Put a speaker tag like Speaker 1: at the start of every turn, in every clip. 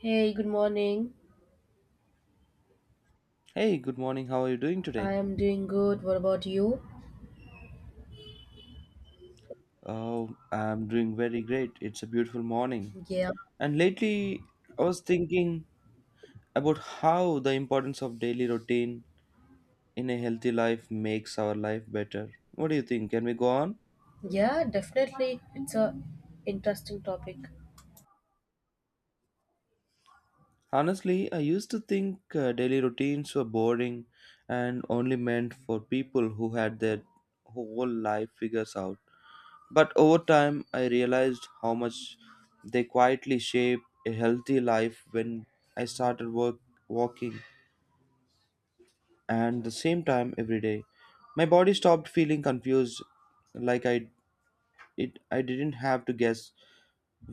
Speaker 1: Hey, good morning.
Speaker 2: Hey, good morning. How are you doing today?
Speaker 1: I am doing good. What about you?
Speaker 2: Oh, I'm doing very great. It's a beautiful morning.
Speaker 1: Yeah.
Speaker 2: And lately, I was thinking about how the importance of daily routine in a healthy life makes our life better. What do you think? Can we go on?
Speaker 1: Yeah, definitely. It's a interesting topic.
Speaker 2: Honestly, I used to think daily routines were boring and only meant for people who had their whole life figures out. But over time, I realized how much they quietly shape a healthy life when I started work, walking and the same time every day. My body stopped feeling confused, like I didn't have to guess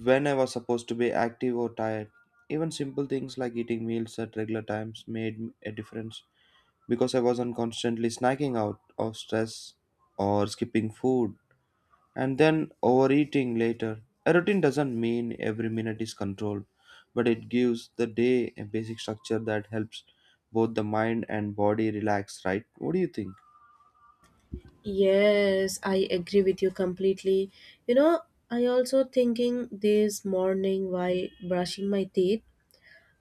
Speaker 2: when I was supposed to be active or tired. Even simple things like eating meals at regular times made a difference because I wasn't constantly snacking out of stress or skipping food and then overeating later. A routine doesn't mean every minute is controlled, but it gives the day a basic structure that helps both the mind and body relax, right? What do you think?
Speaker 1: Yes, I agree with you completely. You know, I also thinking this morning while brushing my teeth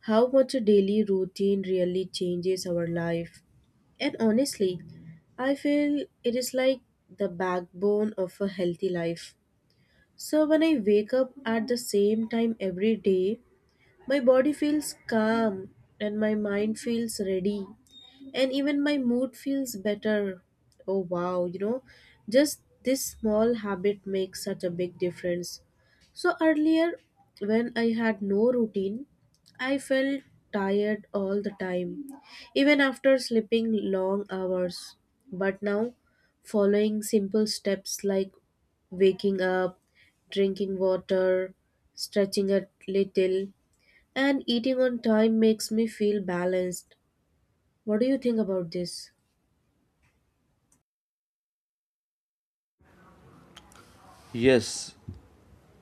Speaker 1: how much a daily routine really changes our life. And honestly, I feel it is like the backbone of a healthy life. So when I wake up at the same time every day, my body feels calm and my mind feels ready, and even my mood feels better. Oh wow, you know, just this small habit makes such a big difference. So earlier, when I had no routine, I felt tired all the time, even after sleeping long hours. But now, following simple steps like waking up, drinking water, stretching a little, and eating on time makes me feel balanced. What do you think about this?
Speaker 2: Yes,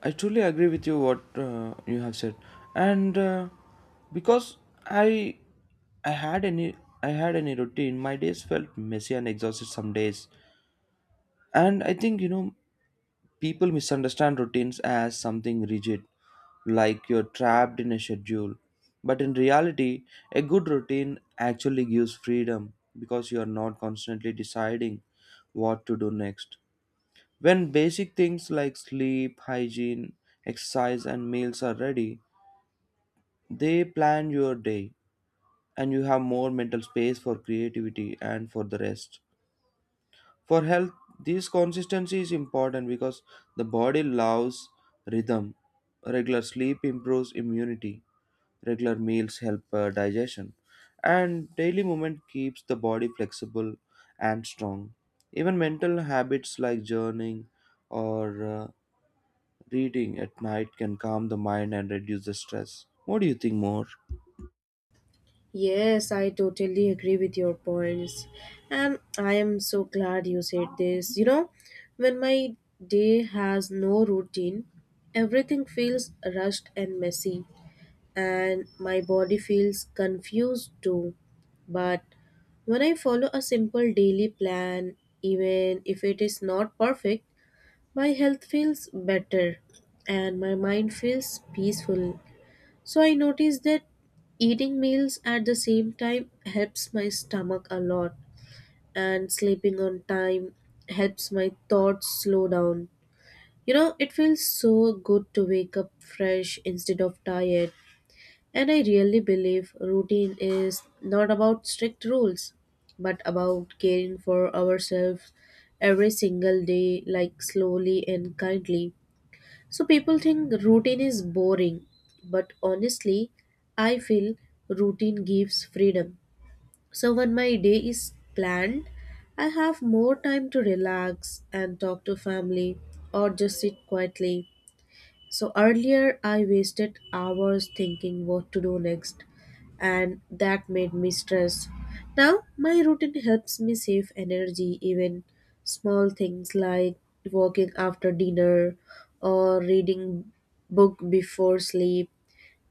Speaker 2: I truly agree with you what you have said, and because I I had any routine, my days felt messy and exhausted some days, and I think you know people misunderstand routines as something rigid, like you're trapped in a schedule. But in reality, a good routine actually gives freedom because you're not constantly deciding what to do next. When basic things like sleep, hygiene, exercise, and meals are ready, they plan your day and you have more mental space for creativity and for the rest. For health, this consistency is important because the body loves rhythm. Regular sleep improves immunity, regular meals help digestion, and daily movement keeps the body flexible and strong. Even mental habits like journaling or reading at night can calm the mind and reduce the stress. What do you think more?
Speaker 1: Yes, I totally agree with your points. And I am so glad you said this. You know, when my day has no routine, everything feels rushed and messy. And my body feels confused too. But when I follow a simple daily plan, even if it is not perfect, my health feels better and my mind feels peaceful. So I notice that eating meals at the same time helps my stomach a lot, and sleeping on time helps my thoughts slow down. You know, it feels so good to wake up fresh instead of tired. And I really believe routine is not about strict rules, but about caring for ourselves every single day, like slowly and kindly. So people think routine is boring, but honestly, I feel routine gives freedom. So when my day is planned, I have more time to relax and talk to family or just sit quietly. So earlier, I wasted hours thinking what to do next, and that made me stressed. Now, my routine helps me save energy, even small things like walking after dinner or reading book before sleep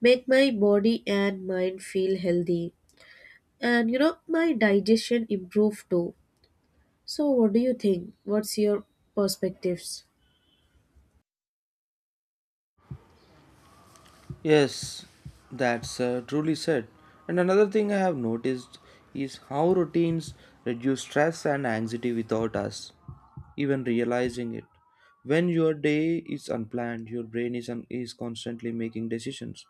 Speaker 1: make my body and mind feel healthy, and you know my digestion improve too. So what do you think? What's your perspectives?
Speaker 2: Yes, that's truly said. And another thing I have noticed is how routines reduce stress and anxiety without us even realizing it. When your day is unplanned, your brain is, is constantly making decisions,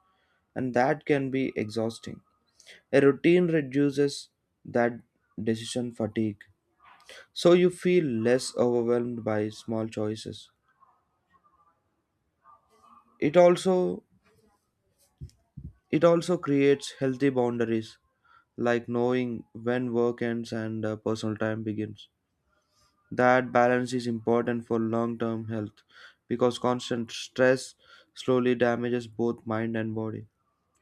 Speaker 2: and that can be exhausting. A routine reduces that decision fatigue, so you feel less overwhelmed by small choices. It also it also creates healthy boundaries like knowing when work ends and personal time begins. That balance is important for long term health because constant stress slowly damages both mind and body.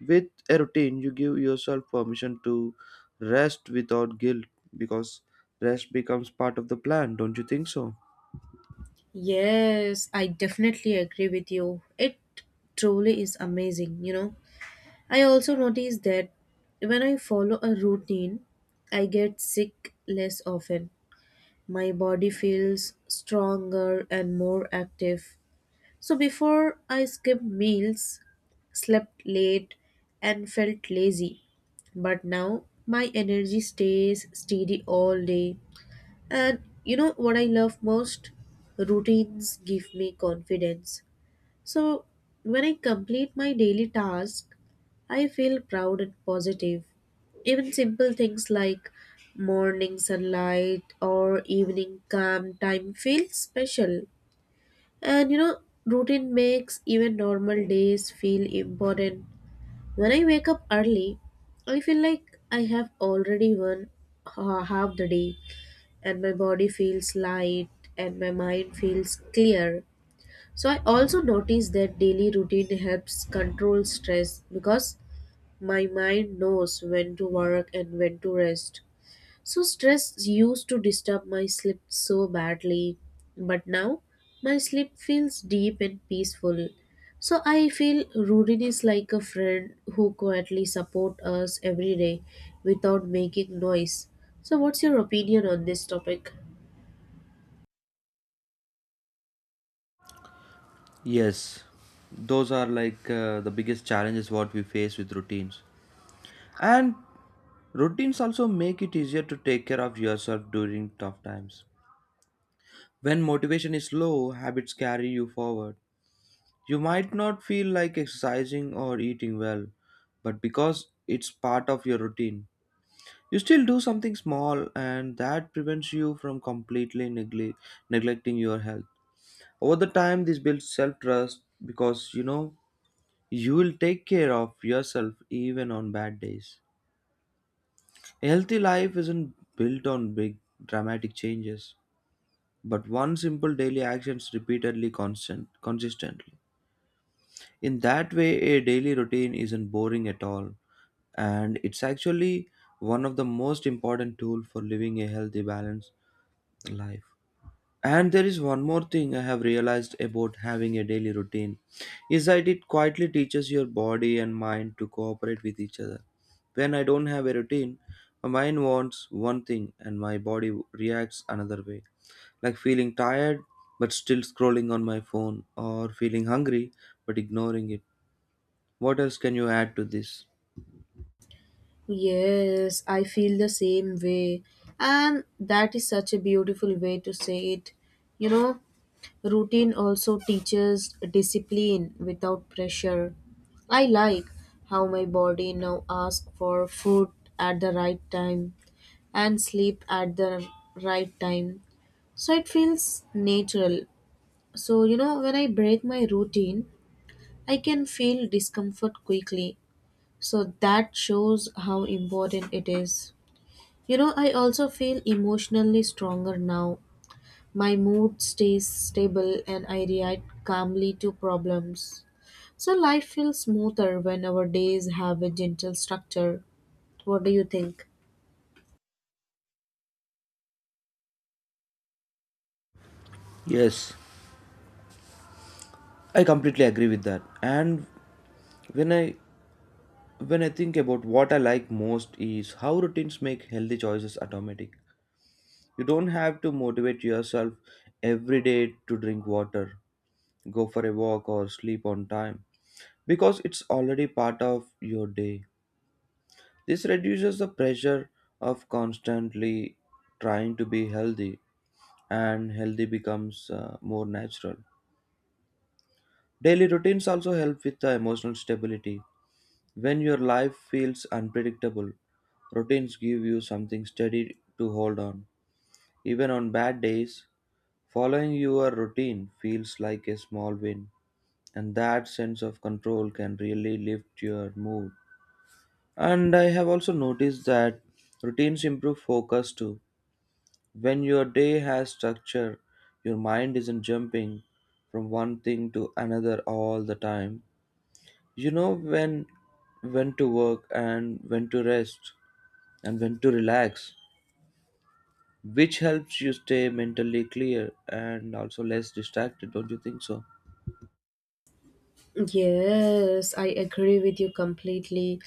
Speaker 2: With a routine, you give yourself permission to rest without guilt because rest becomes part of the plan, don't you think so?
Speaker 1: Yes, I definitely agree with you. It truly is amazing, you know. I also notice that when I follow a routine, I get sick less often. My body feels stronger and more active. So before I skipped meals, slept late, and felt lazy. But now my energy stays steady all day, and you know what I love most? Routines give me confidence. So when I complete my daily task, I feel proud and positive. Even simple things like morning sunlight or evening calm time feel special. And you know, routine makes even normal days feel important. When I wake up early, I feel like I have already won half the day, and my body feels light and my mind feels clear. So I also notice that daily routine helps control stress because my mind knows when to work and when to rest. So stress used to disturb my sleep so badly, but now my sleep feels deep and peaceful. So I feel routine is like a friend who quietly support us every day without making noise. So what's your opinion on this topic?
Speaker 2: Yes, those are like the biggest challenges what we face with routines. And routines also make it easier to take care of yourself during tough times. When motivation is low, habits carry you forward. You might not feel like exercising or eating well, but because it's part of your routine, you still do something small and that prevents you from completely neglecting your health. Over the time, this builds self trust because you know you will take care of yourself even on bad days. A healthy life isn't built on big dramatic changes, but one simple daily actions repeatedly constant consistently. In that way, a daily routine isn't boring at all, and it's actually one of the most important tools for living a healthy, balanced life. And there is one more thing I have realized about having a daily routine is that it quietly teaches your body and mind to cooperate with each other. When I don't have a routine, my mind wants one thing and my body reacts another way, like feeling tired but still scrolling on my phone or feeling hungry but ignoring it. What else can you add to this?
Speaker 1: Yes, I feel the same way. And that is such a beautiful way to say it. You know, routine also teaches discipline without pressure. I like how my body now asks for food at the right time and sleep at the right time. So it feels natural. So, you know, when I break my routine, I can feel discomfort quickly. So that shows how important it is. You know, I also feel emotionally stronger now. My mood stays stable and I react calmly to problems. So life feels smoother when our days have a gentle structure. What do you think?
Speaker 2: Yes, I completely agree with that. And when I when I think about what I like most is how routines make healthy choices automatic. You don't have to motivate yourself every day to drink water, go for a walk or sleep on time because it's already part of your day. This reduces the pressure of constantly trying to be healthy and healthy becomes more natural. Daily routines also help with the emotional stability. When your life feels unpredictable, routines give you something steady to hold on. Even on bad days, following your routine feels like a small win, and that sense of control can really lift your mood. And I have also noticed that routines improve focus too. When your day has structure, your mind isn't jumping from one thing to another all the time. You know when to work and when to rest and when to relax, which helps you stay mentally clear and also less distracted, don't you think so?
Speaker 1: Yes, I agree with you completely.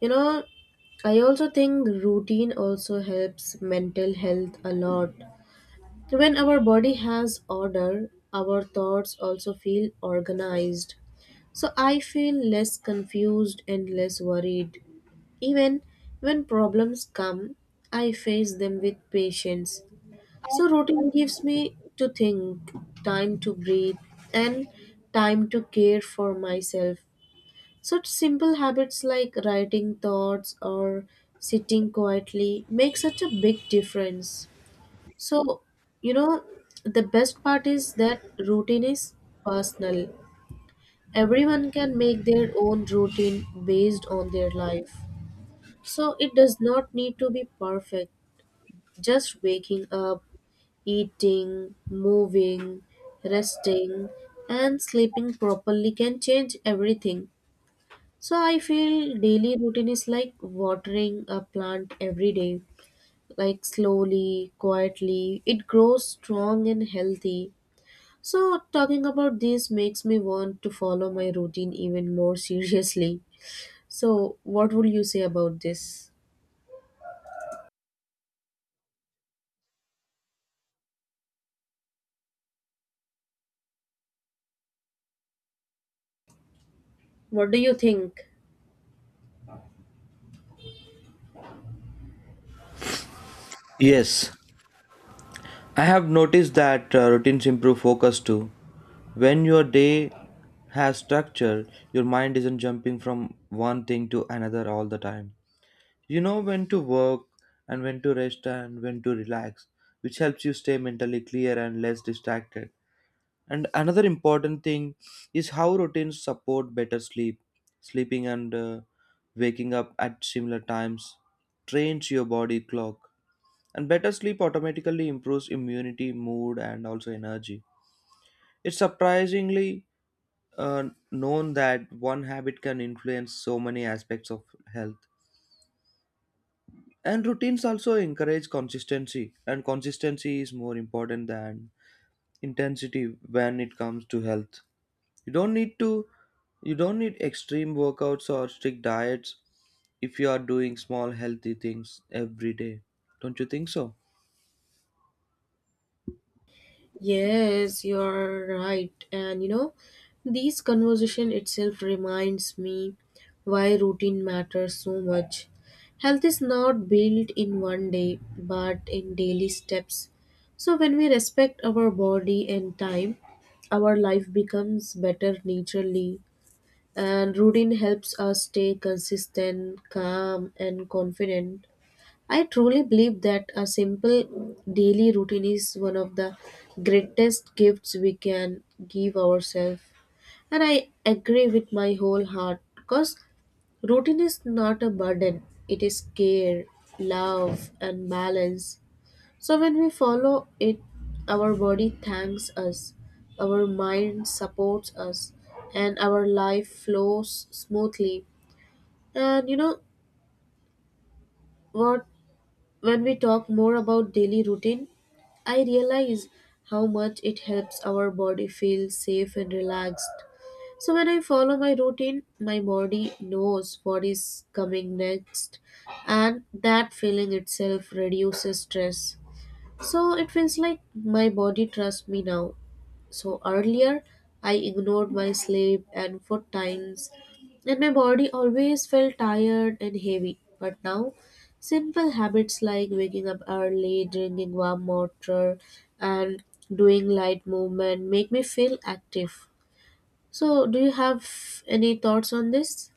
Speaker 1: You know, I also think routine also helps mental health a lot. When our body has order, our thoughts also feel organized. So I feel less confused and less worried. Even when problems come, I face them with patience. So routine gives me to think, time to breathe, and time to care for myself. Such simple habits like writing thoughts or sitting quietly make such a big difference. So, you know, the best part is that routine is personal. Everyone can make their own routine based on their life. So, it does not need to be perfect. Just waking up, eating, moving, resting, and sleeping properly can change everything. So, I feel daily routine is like watering a plant every day. Like slowly, quietly, it grows strong and healthy. So, talking about this makes me want to follow my routine even more seriously. So, what would you say about this? What do you think?
Speaker 2: Yes, I have noticed that routines improve focus too. When your day has structure, your mind isn't jumping from one thing to another all the time. You know when to work and when to rest and when to relax, which helps you stay mentally clear and less distracted. And another important thing is how routines support better sleep. Sleeping and waking up at similar times trains your body clock. And better sleep automatically improves immunity, mood, and also energy. It's surprisingly known that one habit can influence so many aspects of health. And routines also encourage consistency, and consistency is more important than intensity when it comes to health. You don't need to you don't need extreme workouts or strict diets if you are doing small healthy things every day. Don't you think so?
Speaker 1: Yes, you're right. And you know, this conversation itself reminds me why routine matters so much. Health is not built in one day, but in daily steps. So, when we respect our body and time, our life becomes better naturally. And routine helps us stay consistent, calm, and confident. I truly believe that a simple daily routine is one of the greatest gifts we can give ourselves. And I agree with my whole heart because routine is not a burden, it is care, love, and balance. So when we follow it, our body thanks us, our mind supports us, and our life flows smoothly. And you know what? When we talk more about daily routine, I realize how much it helps our body feel safe and relaxed. So when I follow my routine, my body knows what is coming next, and that feeling itself reduces stress. So it feels like my body trusts me now. So earlier, I ignored my sleep and food times, and my body always felt tired and heavy. But now, simple habits like waking up early, drinking warm water, and doing light movement make me feel active. So, do you have any thoughts on this?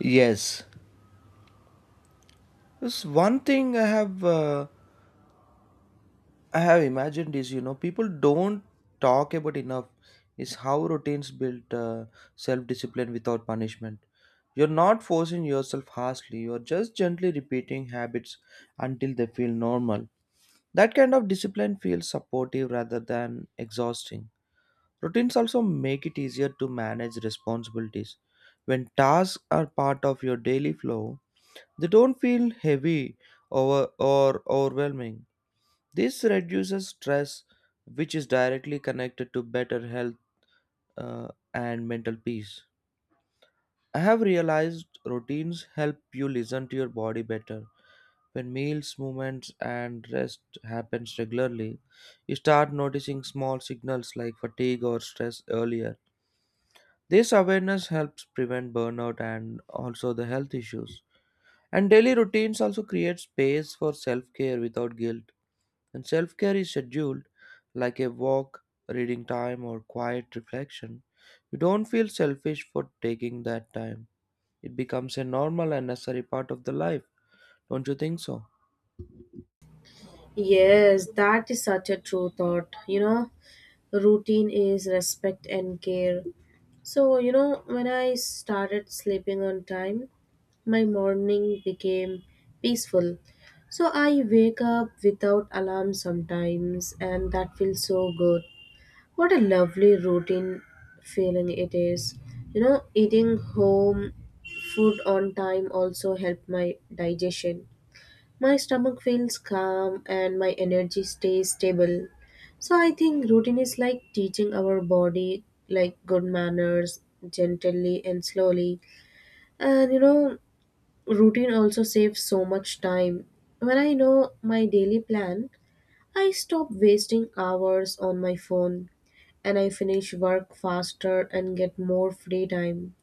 Speaker 2: Yes. This one thing I have imagined is you know people don't talk about enough is how routines build self discipline without punishment. You're not forcing yourself harshly. You're just gently repeating habits until they feel normal. That kind of discipline feels supportive rather than exhausting. Routines also make it easier to manage responsibilities. When tasks are part of your daily flow, they don't feel heavy over or overwhelming. This reduces stress, which is directly connected to better health and mental peace. I have realized routines help you listen to your body better. When meals, movements, and rest happens regularly, you start noticing small signals like fatigue or stress earlier. This awareness helps prevent burnout and also the health issues. And daily routines also create space for self care without guilt. And self care is scheduled like a walk, reading time, or quiet reflection. You don't feel selfish for taking that time. It becomes a normal and necessary part of the life. Don't you think so?
Speaker 1: Yes, that is such a true thought, you know. Routine is respect and care. So you know, when I started sleeping on time, my morning became peaceful. So I wake up without alarm sometimes, and that feels so good. What a lovely routine feeling it is. You know, eating home food on time also helped my digestion. My stomach feels calm and my energy stays stable. So I think routine is like teaching our body like good manners, gently and slowly. And you know, routine also saves so much time. When I know my daily plan, I stop wasting hours on my phone, and I finish work faster and get more free time.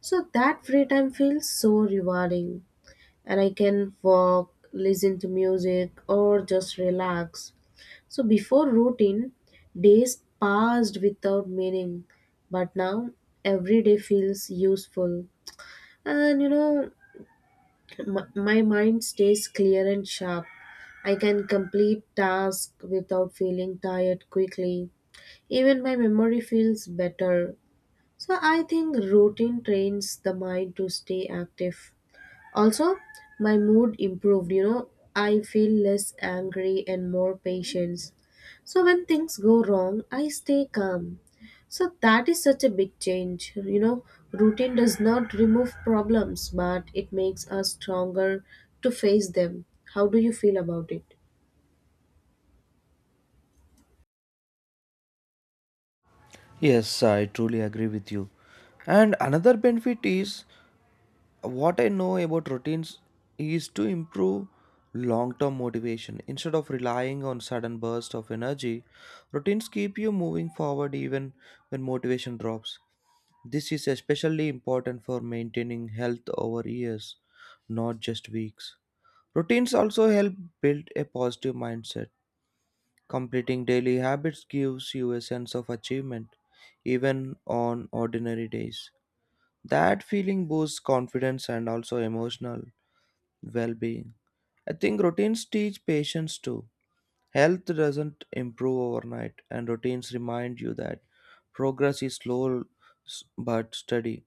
Speaker 1: So that free time feels so rewarding, and I can walk, listen to music, or just relax. So before routine, days passed without meaning, but now every day feels useful. And you know, my mind stays clear and sharp. I can complete tasks without feeling tired quickly. Even my memory feels better. So I think routine trains the mind to stay active. Also, my mood improved, you know, I feel less angry and more patience. So when things go wrong, I stay calm. So that is such a big change. You know, routine does not remove problems, but it makes us stronger to face them. How do you feel about it?
Speaker 2: Yes, I truly agree with you. And another benefit is what I know about routines is to improve long term motivation. Instead of relying on sudden bursts of energy, routines keep you moving forward even when motivation drops. This is especially important for maintaining health over years, not just weeks. Routines also help build a positive mindset. Completing daily habits gives you a sense of achievement, even on ordinary days. That feeling boosts confidence and also emotional well-being. I think routines teach patience too. Health doesn't improve overnight, and routines remind you that progress is slow but steady.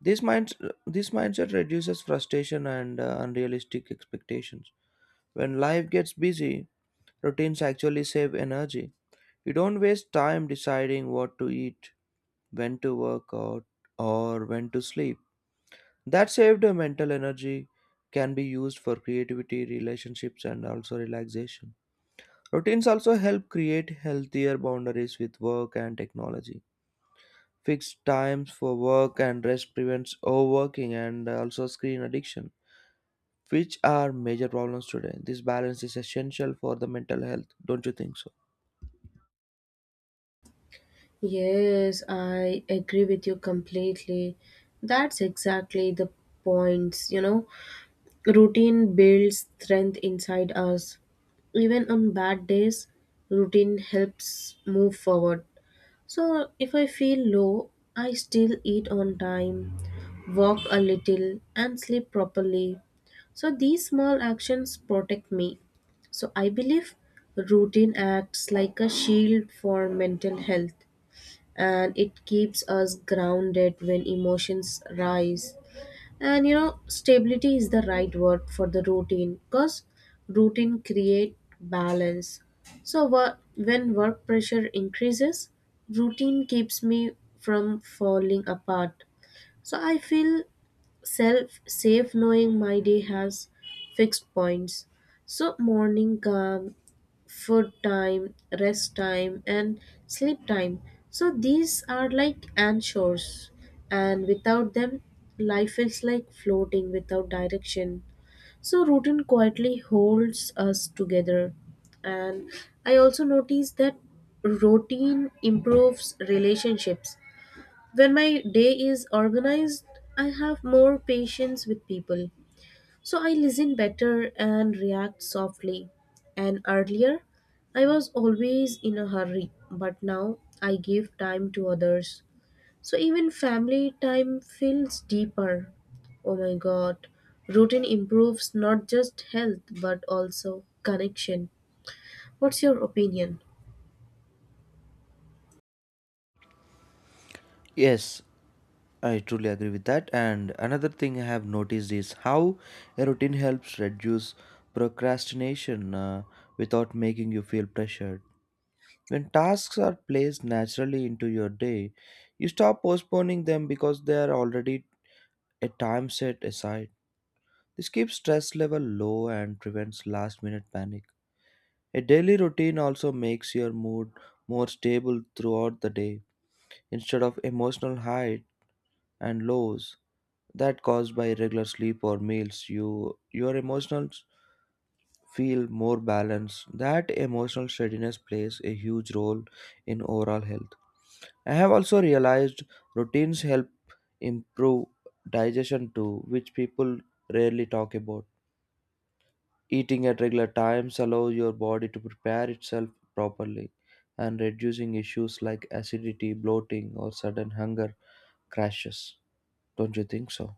Speaker 2: This mind, this mindset reduces frustration and unrealistic expectations. When life gets busy, routines actually save energy. You don't waste time deciding what to eat, when to work out, or when to sleep. That saved mental energy can be used for creativity, relationships, and also relaxation. Routines also help create healthier boundaries with work and technology. Fixed times for work and rest prevents overworking and also screen addiction, which are major problems today. This balance is essential for the mental health, don't you think so?
Speaker 1: Yes, I agree with you completely. That's exactly the points, you know. Routine builds strength inside us. Even on bad days, routine helps move forward. So, if I feel low, I still eat on time, walk a little, and sleep properly. So, these small actions protect me. So, I believe routine acts like a shield for mental health, and it keeps us grounded when emotions rise. And you know, stability is the right word for the routine because routine create balance. So when work pressure increases, routine keeps me from falling apart. So I feel self safe knowing my day has fixed points. So morning calm, food time, rest time, and sleep time. So these are like anchors, and without them, life is like floating without direction. So routine quietly holds us together. And I also notice that routine improves relationships. When my day is organized, I have more patience with people. So I listen better and react softly. And earlier, I was always in a hurry, but now I give time to others. So even family time feels deeper. Oh my god, routine improves not just health but also connection. What's your opinion?
Speaker 2: Yes, I truly agree with that. And another thing I have noticed is how a routine helps reduce procrastination without making you feel pressured. When tasks are placed naturally into your day, you stop postponing them because they are already a time set aside. This keeps stress level low and prevents last minute panic. A daily routine also makes your mood more stable throughout the day instead of emotional highs and lows. That caused by irregular sleep or meals, you your emotions feel more balanced. That emotional steadiness plays a huge role in overall health. I have also realized routines help improve digestion too, which people rarely talk about. Eating at regular times allows your body to prepare itself properly and reducing issues like acidity, bloating or sudden hunger crashes, don't you think so?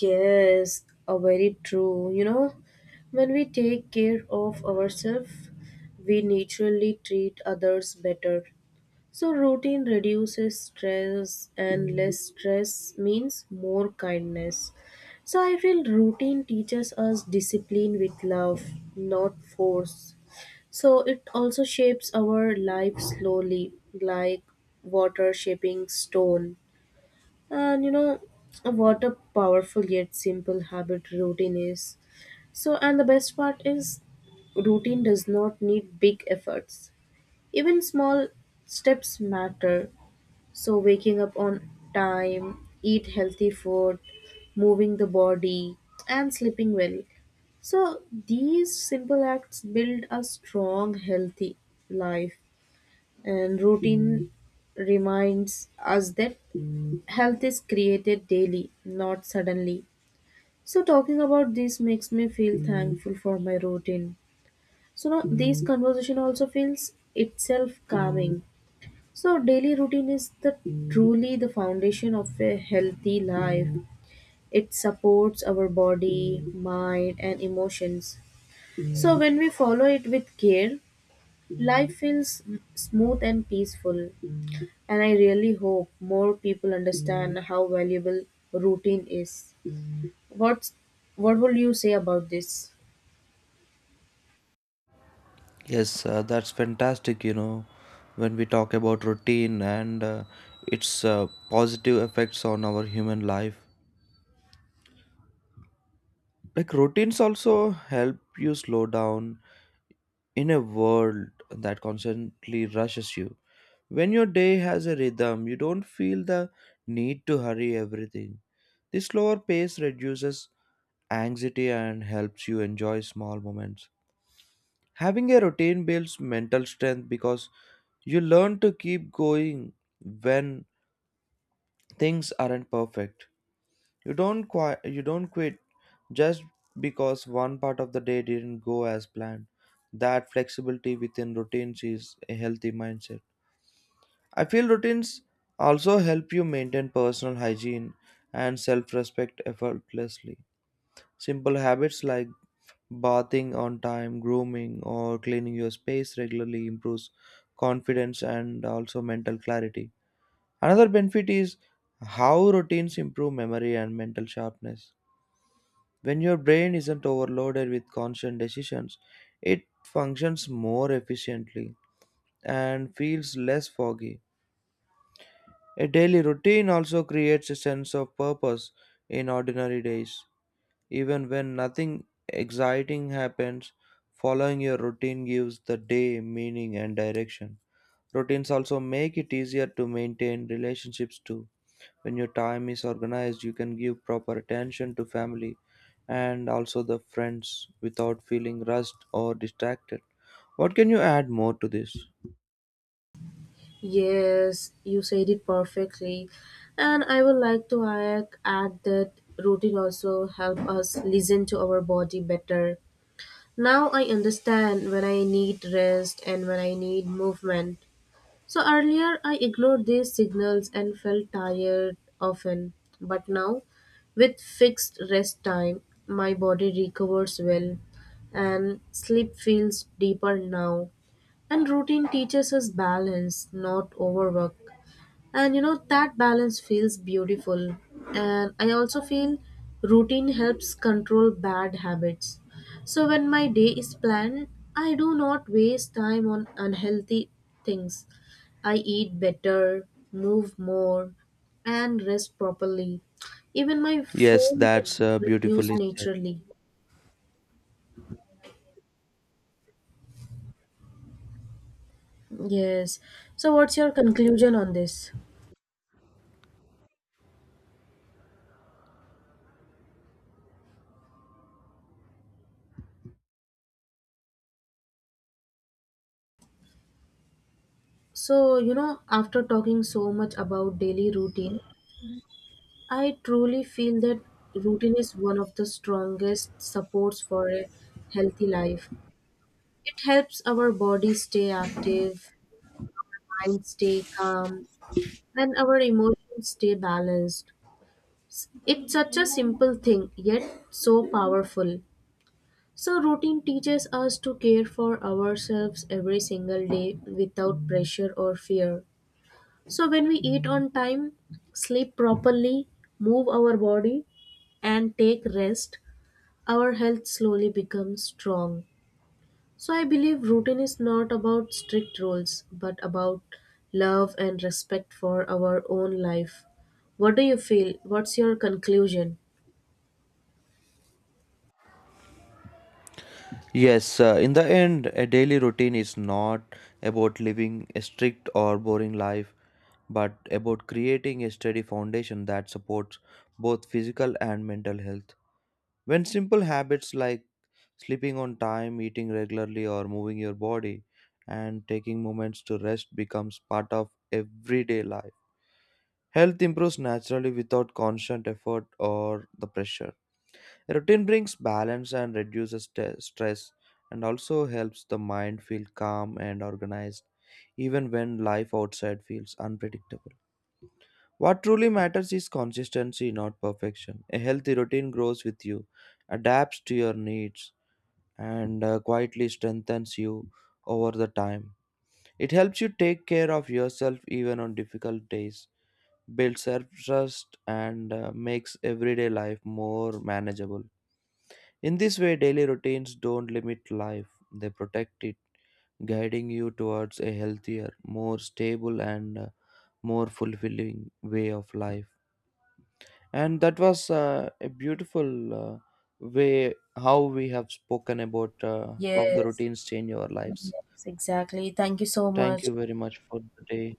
Speaker 1: Yes, a very true. You know, when we take care of ourselves, we naturally treat others better. So routine reduces stress, and less stress means more kindness. So I feel routine teaches us discipline with love, not force. So it also shapes our life slowly, like water shaping stone. And you know what a powerful yet simple habit routine is. So, and the best part is, routine does not need big efforts. Even small steps matter. So, waking up on time, eat healthy food, moving the body, and sleeping well. So, these simple acts build a strong, healthy life. And routine reminds us that health is created daily, not suddenly. So talking about this makes me feel thankful for my routine. So now this conversation also feels itself calming. So daily routine is the truly the foundation of a healthy life. It supports our body, mind and emotions. So when we follow it with care, life feels smooth and peaceful, and I really hope more people understand how valuable routine is. What's what will you say about this?
Speaker 2: Yes, that's fantastic. You know, when we talk about routine and its positive effects on our human life, like routines also help you slow down in a world that constantly rushes you. When your day has a rhythm, you don't feel the need to hurry everything. This slower pace reduces anxiety and helps you enjoy small moments. Having a routine builds mental strength because you learn to keep going when things aren't perfect. You don't quit just because one part of the day didn't go as planned. That flexibility within routines is a healthy mindset. I feel routines also help you maintain personal hygiene and self-respect effortlessly. Simple habits like bathing on time, grooming, or cleaning your space regularly improves confidence and also mental clarity. Another benefit is how routines improve memory and mental sharpness. When your brain isn't overloaded with constant decisions, it functions more efficiently and feels less foggy. A daily routine also creates a sense of purpose in ordinary days. Even when nothing exciting happens, following your routine gives the day meaning and direction. Routines also make it easier to maintain relationships too. When your time is organized, you can give proper attention to family and also the friends without feeling rushed or distracted. What can you add more to this?
Speaker 1: Yes, you said it perfectly. And I would like to add that routine also help us listen to our body better. Now I understand when I need rest and when I need movement. So earlier I ignored these signals and felt tired often, but now with fixed rest time, my body recovers well and sleep feels deeper now. And routine teaches us balance, not overwork. And you know that balance feels beautiful. And I also feel routine helps control bad habits. So when my day is planned, I do not waste time on unhealthy things. I eat better, move more, and rest properly. Even my
Speaker 2: Yes,
Speaker 1: phone will
Speaker 2: that's
Speaker 1: reduce
Speaker 2: beautifully said.
Speaker 1: naturally. Yes. So, what's your conclusion on this? So, you know, after talking so much about daily routine, I truly feel that routine is one of the strongest supports for a healthy life. It helps our body stay active, mind stay calm, and our emotions stay balanced. It's such a simple thing, yet so powerful. So, routine teaches us to care for ourselves every single day without pressure or fear. So, when we eat on time, sleep properly, move our body, and take rest, our health slowly becomes strong. So I believe routine is not about strict rules, but about love and respect for our own life. What do you feel? What's your conclusion?
Speaker 2: Yes, in the end a daily routine is not about living a strict or boring life but about creating a steady foundation that supports both physical and mental health. When simple habits like sleeping on time, eating regularly, or moving your body and taking moments to rest becomes part of everyday life, health improves naturally without constant effort or the pressure. Routine brings balance and reduces stress and also helps the mind feel calm and organized even when life outside feels unpredictable. What truly matters is consistency, not perfection. A healthy routine grows with you, adapts to your needs, and quietly strengthens you over the time. It helps you take care of yourself even on difficult days, builds self trust, and makes everyday life more manageable. In this way, daily routines don't limit life, they protect it, guiding you towards a healthier, more stable, and more fulfilling way of life. And that was a beautiful way how we have spoken about how the
Speaker 1: Yes,
Speaker 2: routines change our lives.
Speaker 1: yes, exactly. Thank you so
Speaker 2: Thank
Speaker 1: much.
Speaker 2: you very much for the day.